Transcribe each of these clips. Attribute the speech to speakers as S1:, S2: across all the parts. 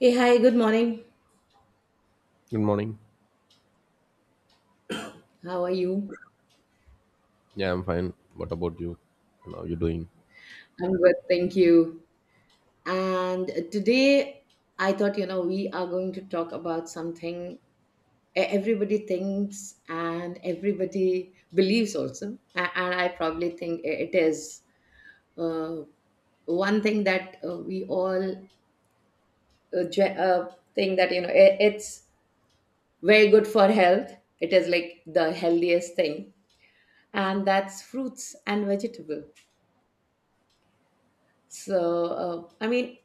S1: Hey, hi, good morning.
S2: Good morning.
S1: How are you?
S2: Yeah, I'm fine. What about you? And how you doing?
S1: I'm good, thank you. And today I thought, you know, we are going to talk about something everybody thinks and everybody believes also. And I probably think it is uh, one thing that we all think that, you know, it's very good for health. It is like the healthiest thing, and that's fruits and vegetable. So, I mean,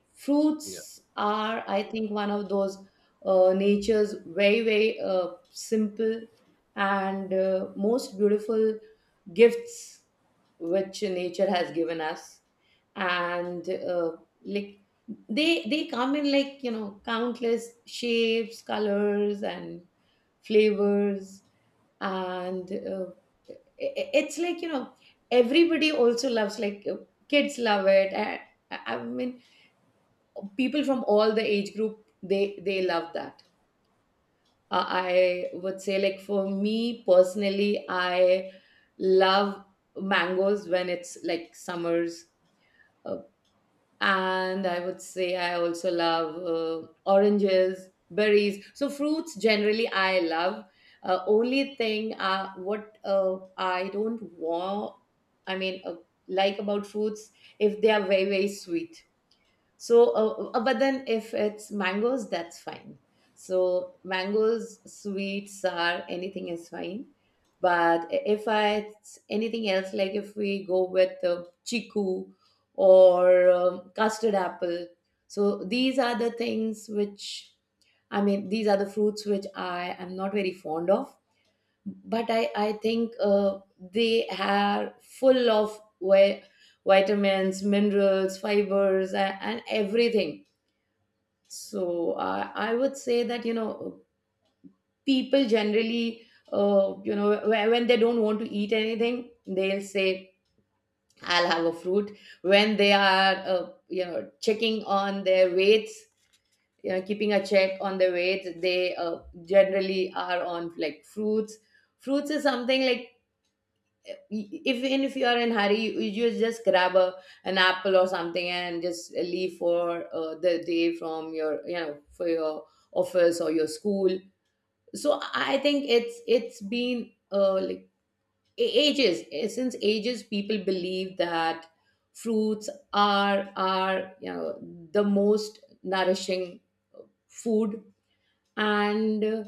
S2: Yeah.
S1: fruits are, I think, one of those nature's very, very simple and most beautiful gifts which nature has given us. And like they come in, like, you know, countless shapes, colors, and flavors. And it's like, you know, everybody also loves, like, kids love it. And I mean people from all the age group, they love that. I would say, like, for me personally, I love mangoes when it's like summers. uh, and I would say I also love oranges, berries. So fruits, generally, I love. Only thing what I don't want, I mean, like, about fruits, if they are very, very sweet. So, but then if it's mangoes, that's fine. So, mangoes, sweet, sour, anything is fine. But I- if I it's anything else, like if we go with chiku or custard apple, so these are the things which, I mean, these are the fruits which I am not very fond of. But I think they are full of vitamins, minerals, fibers, and everything. So I would say that, you know, people generally, you know, when they don't want to eat anything, they'll say, "I'll have a fruit." When they are, you know, checking on their weights, you know, keeping a check on their weights, they generally are on, like, fruits. Fruits is something like, if, even if you are in hurry, you just grab an apple or something and just leave for the day from your, you know, for your office or your school. So I think it's been, like, ages, since ages people believe that fruits are, you know, the most nourishing food. And uh,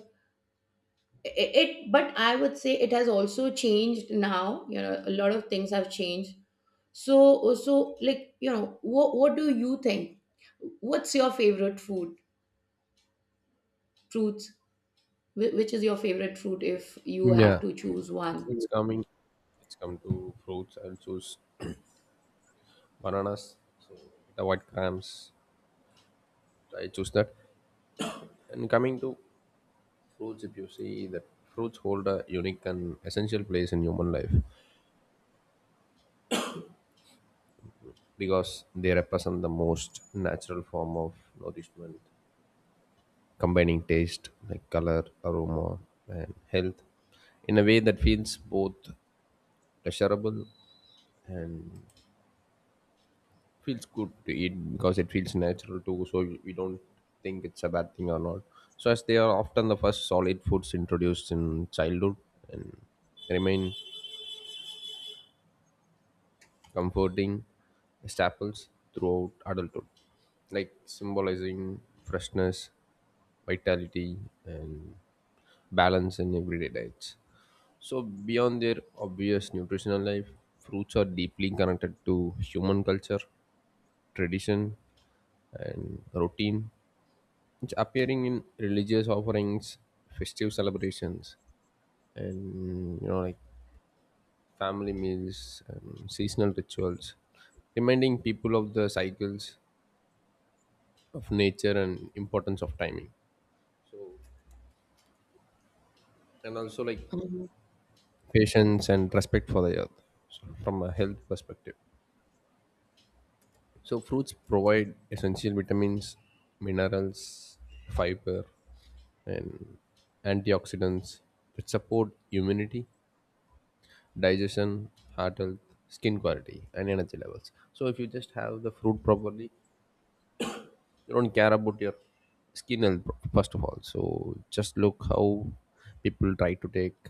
S1: i- it, but I would say it has also changed now. You know, a lot of things have changed. So like, you know, what do you think? What's your favorite food? Fruits. Which is your favorite fruit if you have
S2: Yeah.
S1: to choose
S2: It's,
S1: one?
S2: it's coming. It's come to fruits. I'll choose bananas. So avoid crumbs. I choose that. And coming to fruits, if you see that fruits hold a unique and essential place in human life because they represent the most natural form of nourishment, combining taste like color, aroma, and health in a way that feels both pleasurable feels good to eat because it feels natural too, so we don't think it's a bad thing or not. So as they are often the first solid foods introduced in childhood and remain comforting staples throughout adulthood, like symbolizing freshness, vitality, and balance in everyday diets. So beyond their obvious nutritional life, fruits are deeply connected to human culture, tradition, and routine. It's appearing in religious offerings, festive celebrations, and you know, like family meals, and seasonal rituals, reminding people of the cycles of nature and importance of timing. So, and also like
S1: Mm.
S2: patience and respect for the earth, so from a health perspective. So, fruits provide essential vitamins, minerals, fiber, and antioxidants that support immunity, digestion, heart health, skin quality, and energy levels. So if you just have the fruit properly, you don't care about your skin health pro- first of all. So just look how people try to take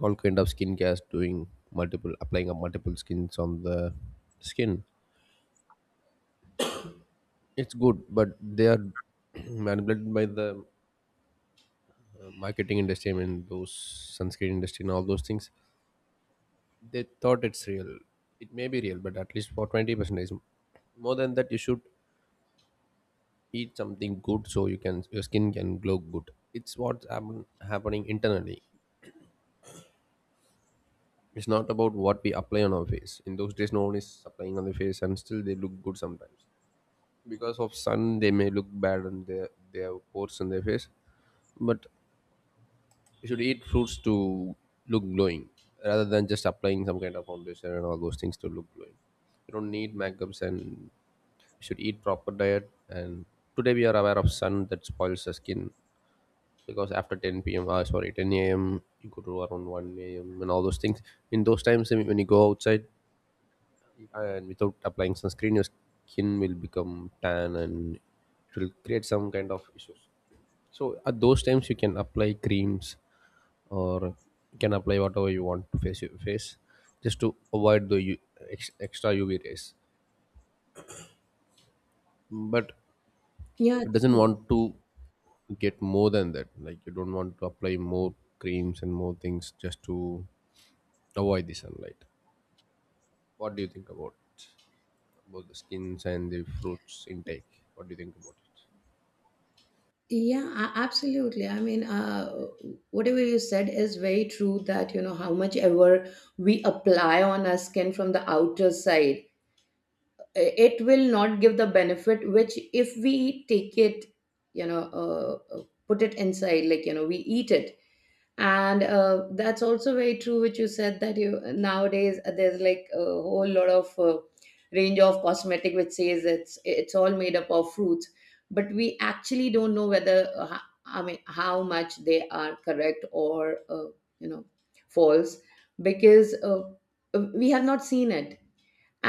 S2: all kind of skin skincare, doing multiple applying of multiple skins on the skin. It's good, but they are manipulated by the marketing industry. I mean, those sunscreen industry and all those things. They thought it's real. It may be real, but at least for 20% more than that, you should eat something good so you can your skin can glow good. It's what's happening internally. It's not about what we apply on our face. In those days no one is applying on the face and still they look good sometimes. Because of sun they may look bad and they have pores on their face, but you should eat fruits to look glowing rather than just applying some kind of foundation and all those things to look glowing. You don't need makeups and you should eat proper diet. And today we are aware of sun that spoils the skin, because after 10 p.m. sorry, 10 a.m. you go to around 1 a.m. and all those things. In those times, I mean, when you go outside and without applying sunscreen, your skin will become tan and it will create some kind of issues. So at those times, you can apply creams or you can apply whatever you want to face your face, just to avoid the extra UV rays. But
S1: Yeah,
S2: it doesn't
S1: true.
S2: want to get more than that. Like you don't want to apply more creams and more things just to avoid the sunlight. What do you think about both the skins and the fruits intake? What do you think about it?
S1: Yeah, absolutely. I mean, whatever you said is very true, that, you know, how much ever we apply on our skin from the outer side, it will not give the benefit which, if we take it, you know, put it inside, like, you know, we eat it. And that's also very true which you said, that, you nowadays there's like a whole lot of range of cosmetic which says it's all made up of fruits. But we actually don't know whether, I mean, how much they are correct or, you know, false. Because we have not seen it.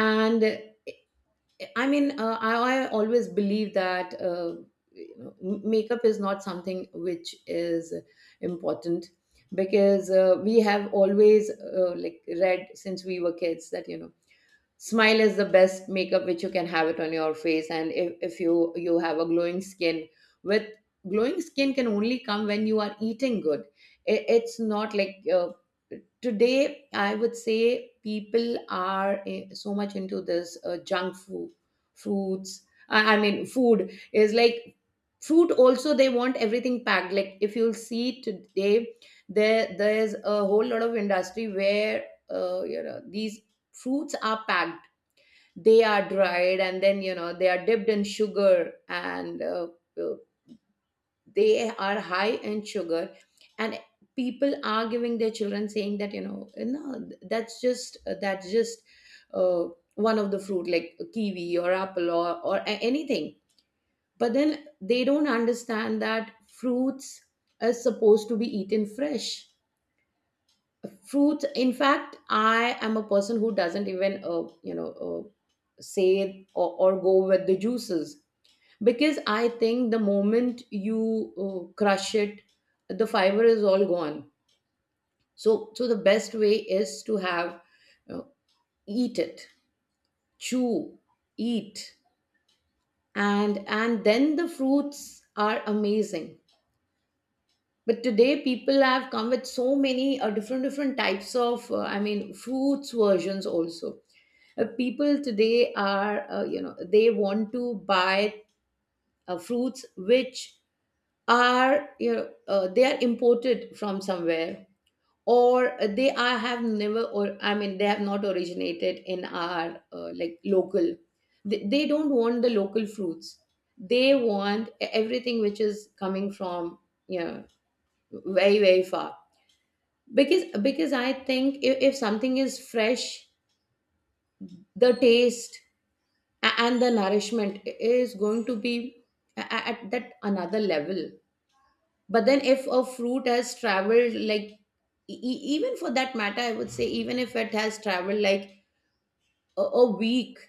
S1: And I mean, I always believe that, you know, makeup is not something which is important. Because we have always, like, read since we were kids that, you know, smile is the best makeup which you can have it on your face. And if you have a glowing skin, with, glowing skin can only come when you are eating good. It's not like, today I would say people are, so much into this junk food. Fruits, I mean, food is like, fruit also, they want everything packed. Like, if you'll see today, there's a whole lot of industry where, you know, these fruits are packed, they are dried and then, you know, they are dipped in sugar, and uh, they are high in sugar. And people are giving their children, saying that, you know, "No, that's just, that's just, uh, one of the fruit, like kiwi or apple or, anything." But then they don't understand that fruits are supposed to be eaten fresh. Fruits, in fact, I am a person who doesn't even, you know, say or go with the juices. Because I think the moment you crush it, the fiber is all gone. So the best way is to have, uh, eat it, chew, eat, and then the fruits are amazing. But today people have come with so many different different types of, I mean, fruits versions also. People today are, you know, they want to buy fruits which are, you know, they are imported from somewhere, or they are, have never, or, I mean, they have not originated in our, like, local. They don't want the local fruits. They want everything which is coming from, you know, very, very far. Because I think if something is fresh, the taste and the nourishment is going to be at that another level. But then if a fruit has traveled like, even for that matter, I would say, even if it has traveled like a week,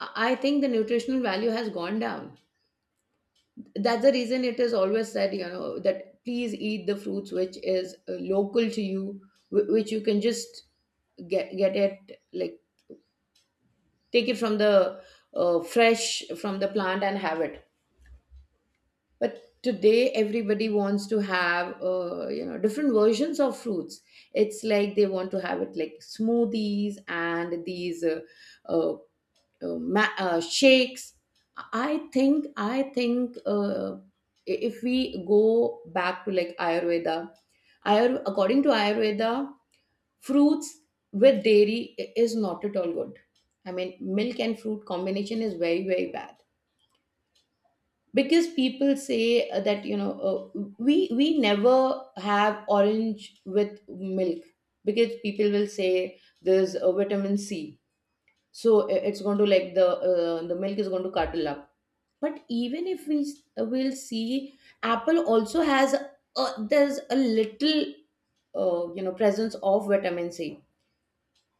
S1: I think the nutritional value has gone down. That's the reason it is always said, you know, that please eat the fruits which is local to you, which you can just get it like, take it from the, fresh from the plant and have it. But today everybody wants to have, you know, different versions of fruits. It's like they want to have it like smoothies and these, uh, shakes. I think if we go back to like ayurveda, according to ayurveda, fruits with dairy is not at all good. I mean, milk and fruit combination is very, very bad. Because people say, that, you know, we never have orange with milk, because people will say there's a vitamin C, so it's going to, like, the, the milk is going to curdle up. But even if we, will see, apple also has a, there's a little, you know, presence of vitamin C.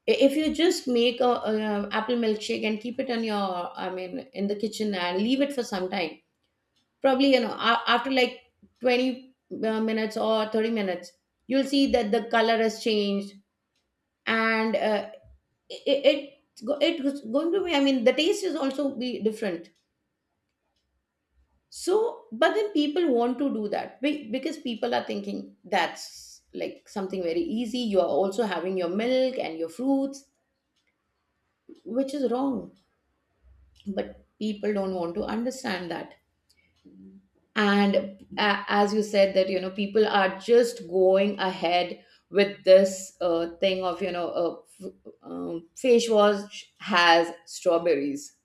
S1: If you just make a apple milkshake and keep it on your, I mean, in the kitchen, and leave it for some time, probably, you know, after like 20 minutes or 30 minutes, you'll see that the color has changed. And it, it it's going to be, I mean, the taste is also be different. So but then people want to do that, because people are thinking that's like something very easy, you are also having your milk and your fruits, which is wrong. But people don't want to understand that. And a as you said that, you know, people are just going ahead with this thing of, you know, face wash has strawberries,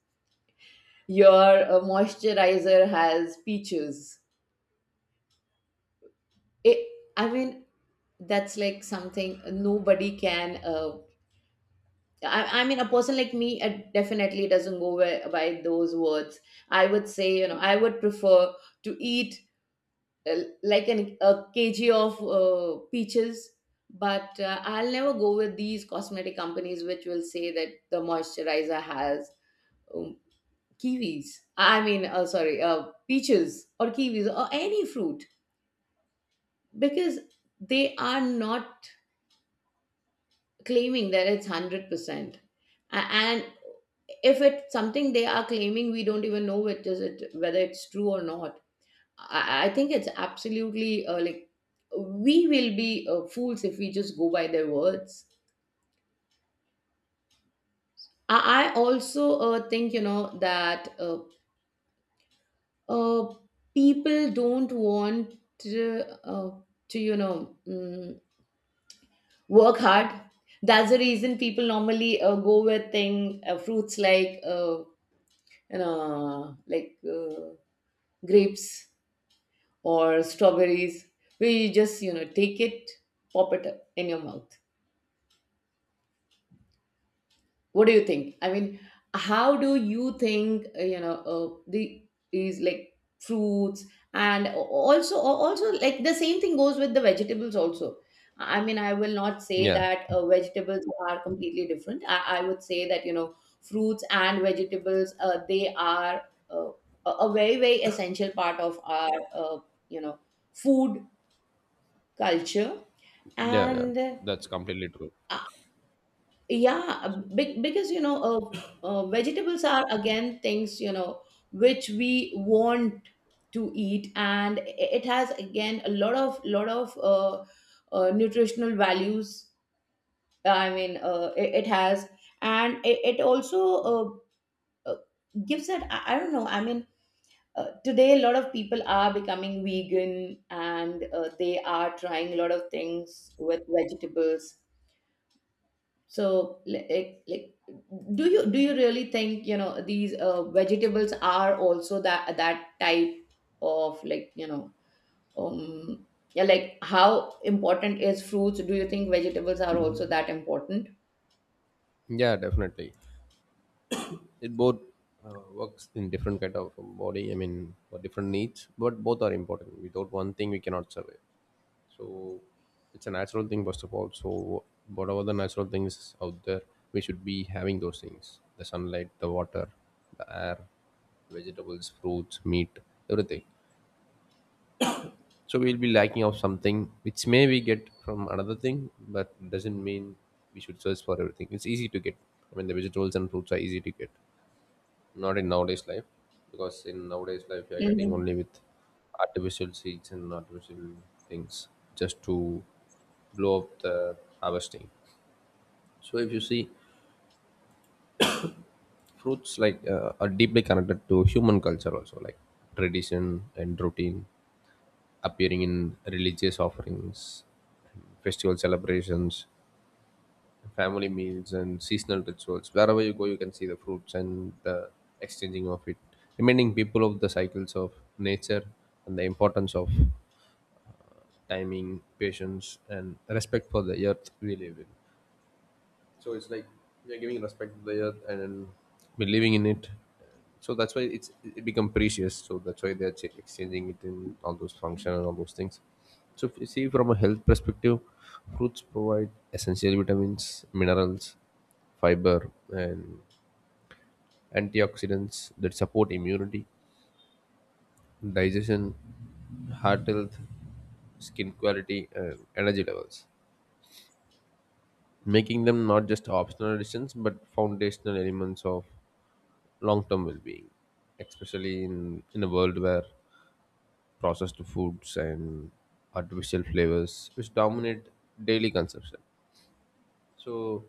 S1: your moisturizer has peaches. it, I mean, that's like something nobody can, I mean, a person like me, definitely doesn't go by those words. I would say, you know, I would prefer to eat, uh, like a kg of peaches. But I'll never go with these cosmetic companies which will say that the moisturizer has, um, kiwis, I mean, sorry, peaches or kiwis or any fruit. Because they are not claiming that it's 100%. And if it's something they are claiming, we don't even know it is it, whether it's true or not. I think it's absolutely, like, we will be, fools if we just go by their words. I also, think, you know, that, uh, people don't want to, to, you know, work hard. That's the reason people normally, go with thing, fruits like, you know, like, grapes or strawberries, where you just, you know, take it, pop it in your mouth. What do you think, I mean, how do you think, you know, the, is, like, fruits and also, like, the same thing goes with the vegetables also. I mean, I will not say
S2: Yeah,
S1: that vegetables are completely different. I would say that, you know, fruits and vegetables, they are, uh, a very, very essential part of our, you know, food culture.
S2: yeah, yeah.
S1: And I,
S2: That's completely true.
S1: yeah, big, because, you know, vegetables are again things, you know, which we want to eat, and it has again a lot of nutritional values. I mean, it has, and it also uh, uh, gives that I don't know. I mean, today a lot of people are becoming vegan, and they are trying a lot of things with vegetables so, do you really think these vegetables are also that that type of like you know um, yeah, like how important is fruits? Do you think vegetables are also that important?
S2: Yeah, definitely. It both works in different kind of body. I mean, for different needs, but both are important. Without one thing, we cannot survive. So it's a natural thing first of all. So whatever the natural things out there, we should be having those things: the sunlight, the water, the air, vegetables, fruits, meat, everything. So we'll be lacking of something which may we get from another thing, but doesn't mean we should search for everything. It's easy to get. I mean the vegetables and fruits are easy to get, not in nowadays life, because in nowadays life you are getting only
S1: Mhm.
S2: with artificial seeds and artificial things just to blow up the harvesting. So if you see, fruits like are deeply connected to human culture also, like tradition and routine, appearing in religious offerings, festival celebrations, family meals, and seasonal rituals. Wherever you go, you can see the fruits and the exchanging of it, reminding people of the cycles of nature and the importance of timing, patience, and respect for the earth we live in. So it's like we are giving respect to the earth and believing in it. So that's why it's it become precious. So that's why they're ch- exchanging it in all those functions and all those things. So if you see from a health perspective, fruits provide essential vitamins, minerals, fiber, and antioxidants that support immunity, digestion, heart health, skin quality, and energy levels, making them not just optional additions but foundational elements of long-term well-being, especially in a world where processed foods and artificial flavors which dominate daily consumption. So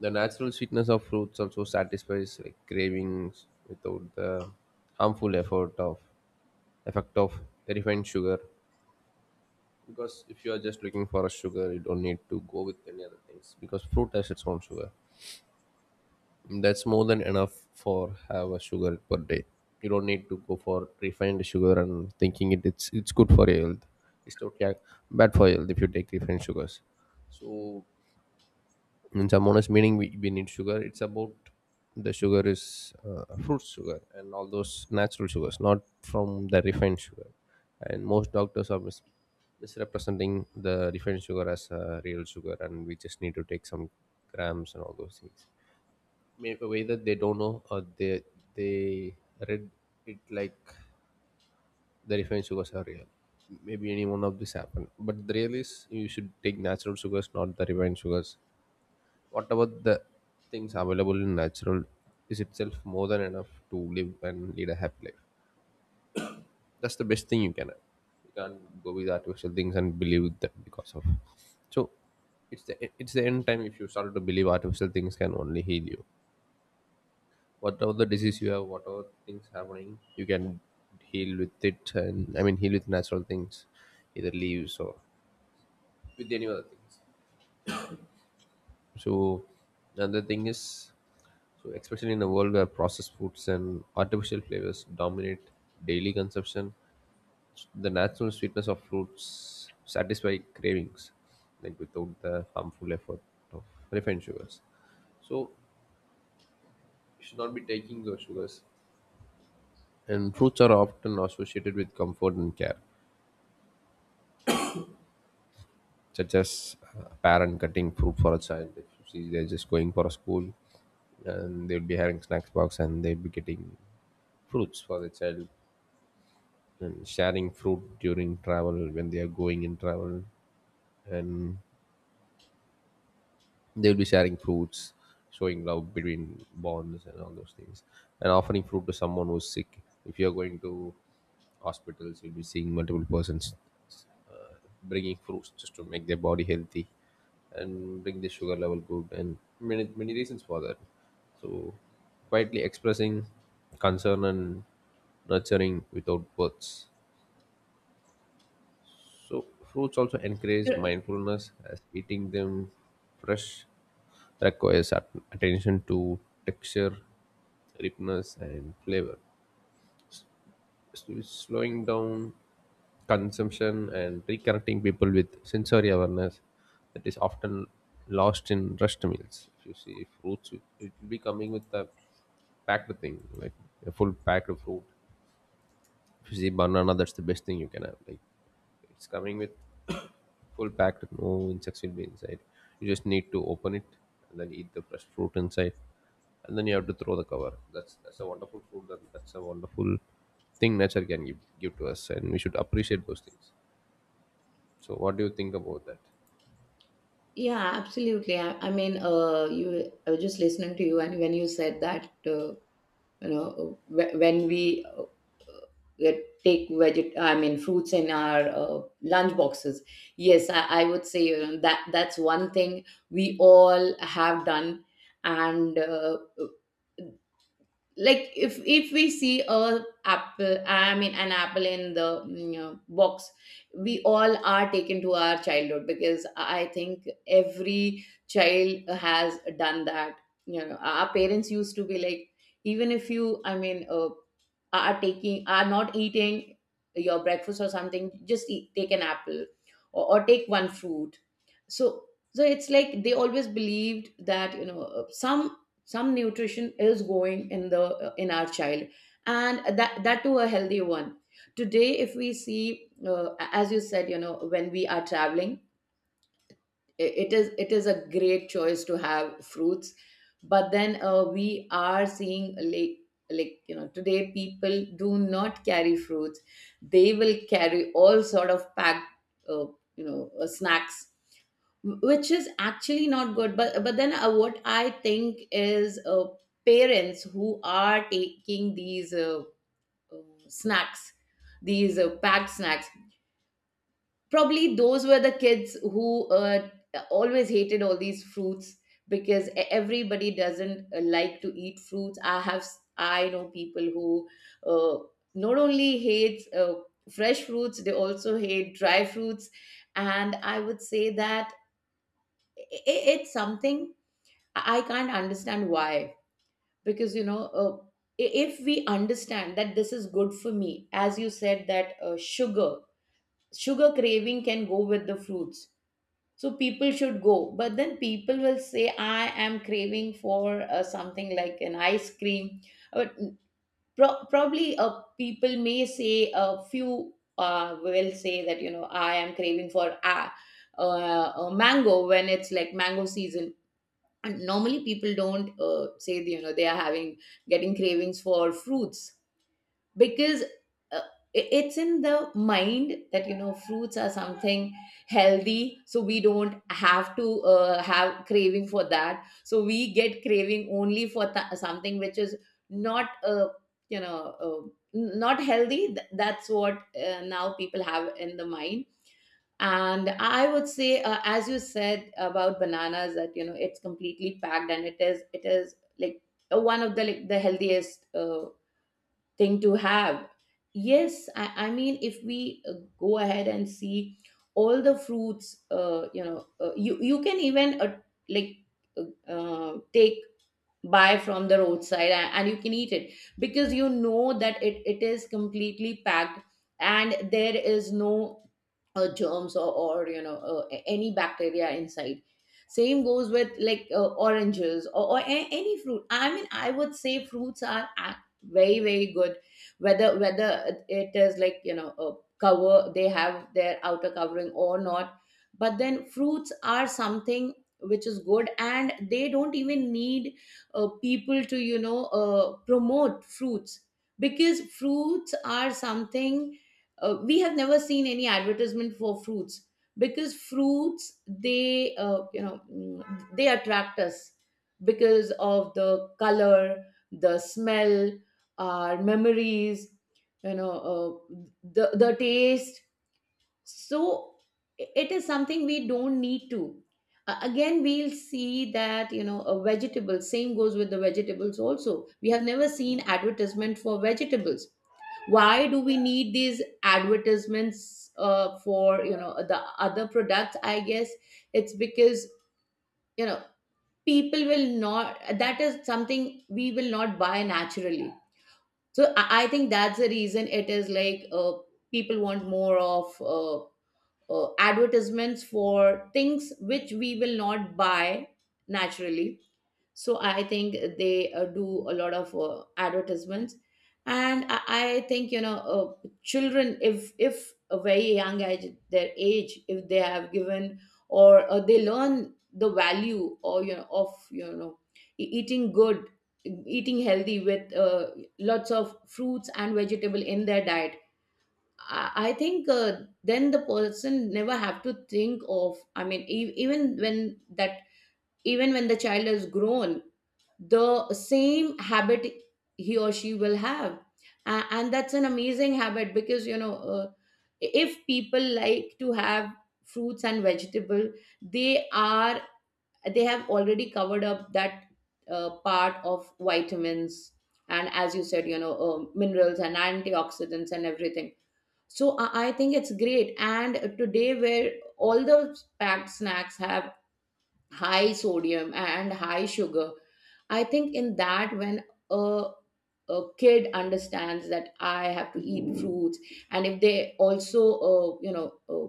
S2: the natural sweetness of fruits also satisfies like cravings without the harmful effort of effect of refined sugar. Because if you are just looking for a sugar, you don't need to go with any other things because fruit has its own sugar. That's more than enough for have a sugar per day. You don't need to go for refined sugar and thinking it's good for your health. It's totally ac- bad for your health if you take refined sugars. So in some honest meaning we need sugar. It's about the sugar is fruit sugar and all those natural sugars, not from the refined sugar. And most doctors are misrepresenting the refined sugar as a real sugar and we just need to take some grams and all those things. Maybe either they don't know or they read it like the refined sugars are real. Maybe any one of this happen. But the real is you should take natural sugars, not the refined sugars. What about the things available in natural is itself more than enough to live and lead a happy life. That's the best thing you can have. You can't go with artificial things and believe them because of. So it's the end time if you start to believe artificial things can only heal you, whatever the disease you have, whatever things happening, you can heal with it, and I mean heal with natural things, either leaves or with any other things. So another thing is, so especially in a world where processed foods and artificial flavors dominate daily consumption, the natural sweetness of fruits satisfy cravings, like without the harmful effort of refined sugars. So you should not be taking those sugars. And fruits are often associated with comfort and care, such as a parent cutting fruit for a child. If you see, they're just going for a school and they'll be having snacks box and they'll be getting fruits for the child and sharing fruit during travel when they are going in travel. They'll be sharing fruits, showing love between bonds and all those things, and offering fruit to someone who's sick. If you're going to hospitals, you'll be seeing multiple persons bringing fruits just to make their body healthy and bring the sugar level good and many many reasons for that. So quietly expressing concern and nurturing without words. So fruits also encourage
S1: You're-
S2: mindfulness as eating them fresh requires attention to texture, ripeness, and flavor. So it's slowing down consumption and reconnecting people with sensory awareness that is often lost in rushed meals. If you see if fruits, it will be coming with a packed thing, like a full packed fruit. If you see banana, that's the best thing you can have. Like it's coming with full packed, no insects will be inside. You just need to open it and then eat the fresh fruit inside, and then you have to throw the cover. That's a wonderful fruit. That's a wonderful thing nature can give, give to us, and we should appreciate those things. So, what do you think about that?
S1: Yeah, absolutely. I mean, you, I was just listening to you, and when you said that you know when we uh, take veget I mean fruits in our lunch boxes, yes, I would say, you know, that that's one thing we all have done. And like if we see a apple, I mean an apple, in the box, we all are taken to our childhood because I think every child has done that. You know, our parents used to be like, even if you, I mean, are taking, are not eating your breakfast or something, just eat, take an apple, or take one fruit. So so it's like they always believed that, you know, some nutrition is going in the in our child, and that that too a healthy one. Today if we see, as you said, you know, when we are traveling, it is, it is a great choice to have fruits. But then we are seeing like, you know, today people do not carry fruits. They will carry all sort of packed uh, you know snacks, which is actually not good. But then what I think is, parents who are taking these uh, snacks, these packed snacks, probably those were the kids who always hated all these fruits, because everybody doesn't like to eat fruits. I have, I know people who uh, not only hate fresh fruits, they also hate dry fruits. And I would say that it's something I can't understand why. Because, you know, if we understand that this is good for me, as you said, that sugar, sugar craving can go with the fruits. So people should go. But then people will say, I am craving for something like an ice cream. But probably people may say, a few will say that, you know, I am craving for. A mango when it's like mango season. And normally people don't say, you know, they are having, getting cravings for fruits, because uh, it's in the mind that, you know, fruits are something healthy, so we don't have to have craving for that. So we get craving only for something which is not you know uh, not healthy. That's what now people have in the mind. And I would say, as you said about bananas, that, you know, it's completely packed, and it is, it is like one of the like the healthiest thing to have. Yes, I mean if we go ahead and see all the fruits, you know, you you can even like take, buy from the roadside, and you can eat it because you know that it is completely packed, and there is no germs, or you know any bacteria inside. Same goes with like oranges, or any fruit. I mean I would say fruits are very very good, whether whether it is like, you know, a cover, they have their outer covering or not. But then fruits are something which is good, and they don't even need people to, you know, promote fruits, because fruits are something, we have never seen any advertisement for fruits, because fruits they you know they attract us because of the color, the smell, our memories, you know, uh, the taste. So it is something we don't need to. Again we'll see that, you know, a vegetable, same goes with the vegetables also, we have never seen advertisement for vegetables. Why do we need these advertisements for, you know, the other products? I guess it's because, you know, people will not, that is something we will not buy naturally. So I think that's the reason. It is like people want more of advertisements for things which we will not buy naturally. So I think they do a lot of advertisements. And I think, you know, children, if a very young age, their age, if they have given, or they learn the value or, you know, of, you know, eating good, eating healthy with lots of fruits and vegetable in their diet, I think then the person never have to think of. I mean, even when that, even when the child is grown, the same habit he or she will have. And that's an amazing habit, because, you know, if people like to have fruits and vegetable, they are, they have already covered up that part of vitamins, and as you said, you know, minerals and antioxidants and everything. So I think it's great. And today, where all the packed snacks have high sodium and high sugar, I think in that, when a a kid understands that I have to eat fruits, and if they also you know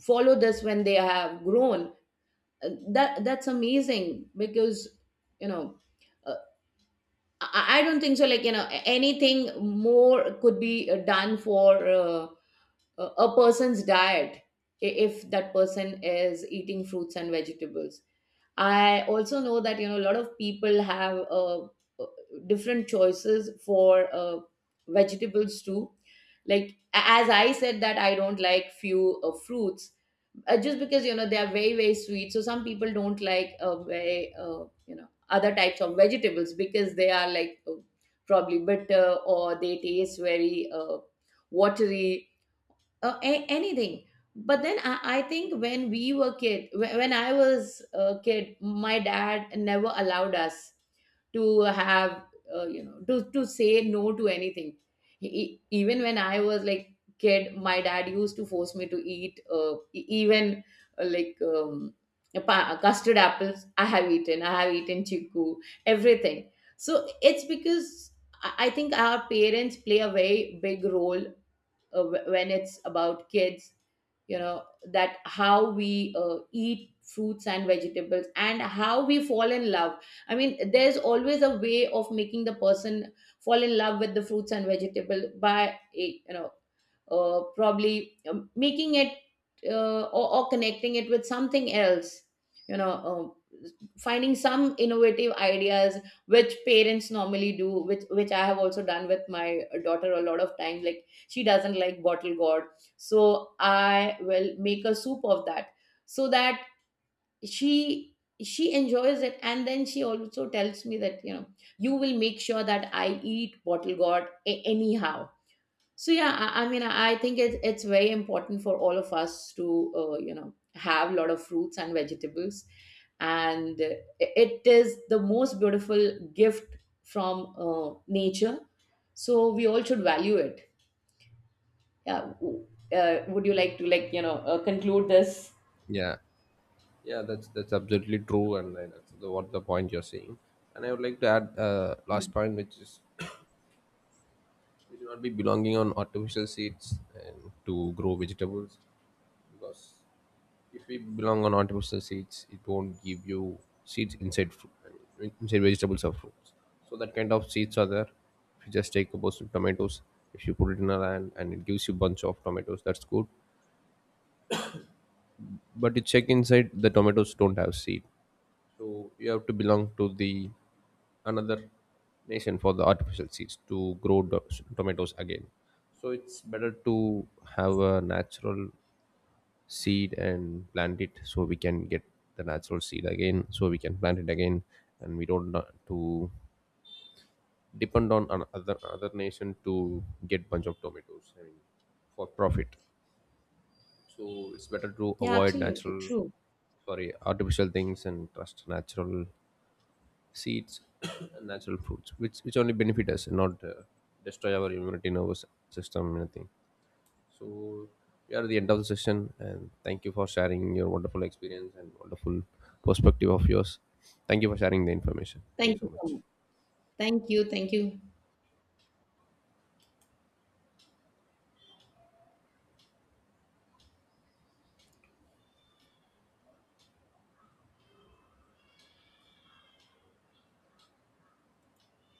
S1: follow this when they have grown, that that's amazing, because you know. uh, I don't think so. Like, you know, anything more could be done for a person's diet if that person is eating fruits and vegetables. I also know that, you know, a lot of people have uh, different choices for vegetables too. Like as I said that I don't like few fruits just because, you know, they are very very sweet. So some people don't like very you know other types of vegetables because they are like probably bitter, or they taste very watery, anything. But then I think when we were kid, when I was a kid, my dad never allowed us to have you know to say no to anything. Even when I was like kid, my dad used to force me to eat, e- even like a custard apples I have eaten, I have eaten chiku, everything. So it's because I think our parents play a very big role when it's about kids, you know, that how we eat fruits and vegetables and how we fall in love. I mean there's always a way of making the person fall in love with the fruits and vegetable by you know probably making it or connecting it with something else, you know, uh, finding some innovative ideas which parents normally do, which I have also done with my daughter a lot of times. Like she doesn't like bottle gourd, so I will make a soup of that, so that she she enjoys it. And then she also tells me that, you know, you will make sure that I eat bottle gourd anyhow. So yeah, I mean, I think it's very important for all of us to you know have a lot of fruits and vegetables, and it, it is the most beautiful gift from nature. So we all should value it. Yeah. Would you like to like, you know, conclude this?
S2: Yeah, yeah, that's absolutely true, and I- that's the, what the point you're saying. And I would like to add last point, which is we should not be belonging on artificial seeds and to grow vegetables, because if we belong on artificial seeds, it won't give you seeds inside fruit, I mean, inside vegetables or fruits. So that kind of seeds are there. If you just take a bunch of tomatoes, if you put it in a land and it gives you bunch of tomatoes, that's good. But you check inside, the tomatoes don't have seed. So you have to belong to the another nation for the artificial seeds to grow do- tomatoes again. So it's better to have a natural seed and plant it so we can get the natural seed again so we can plant it again, and we don't na- to depend on another other nation to get bunch of tomatoes, I mean, for profit. So it's better to
S1: Yeah,
S2: avoid
S1: absolutely
S2: natural,
S1: true.
S2: sorry, artificial things and trust natural seeds, and natural fruits, which only benefit us, not destroy our immunity, nervous system, anything. So we are at the end of the session, and thank you for sharing your wonderful experience and wonderful perspective of yours. Thank you for sharing the information. Thank
S1: Thank
S2: you
S1: you
S2: so
S1: so
S2: much.
S1: much. Thank you. Thank you.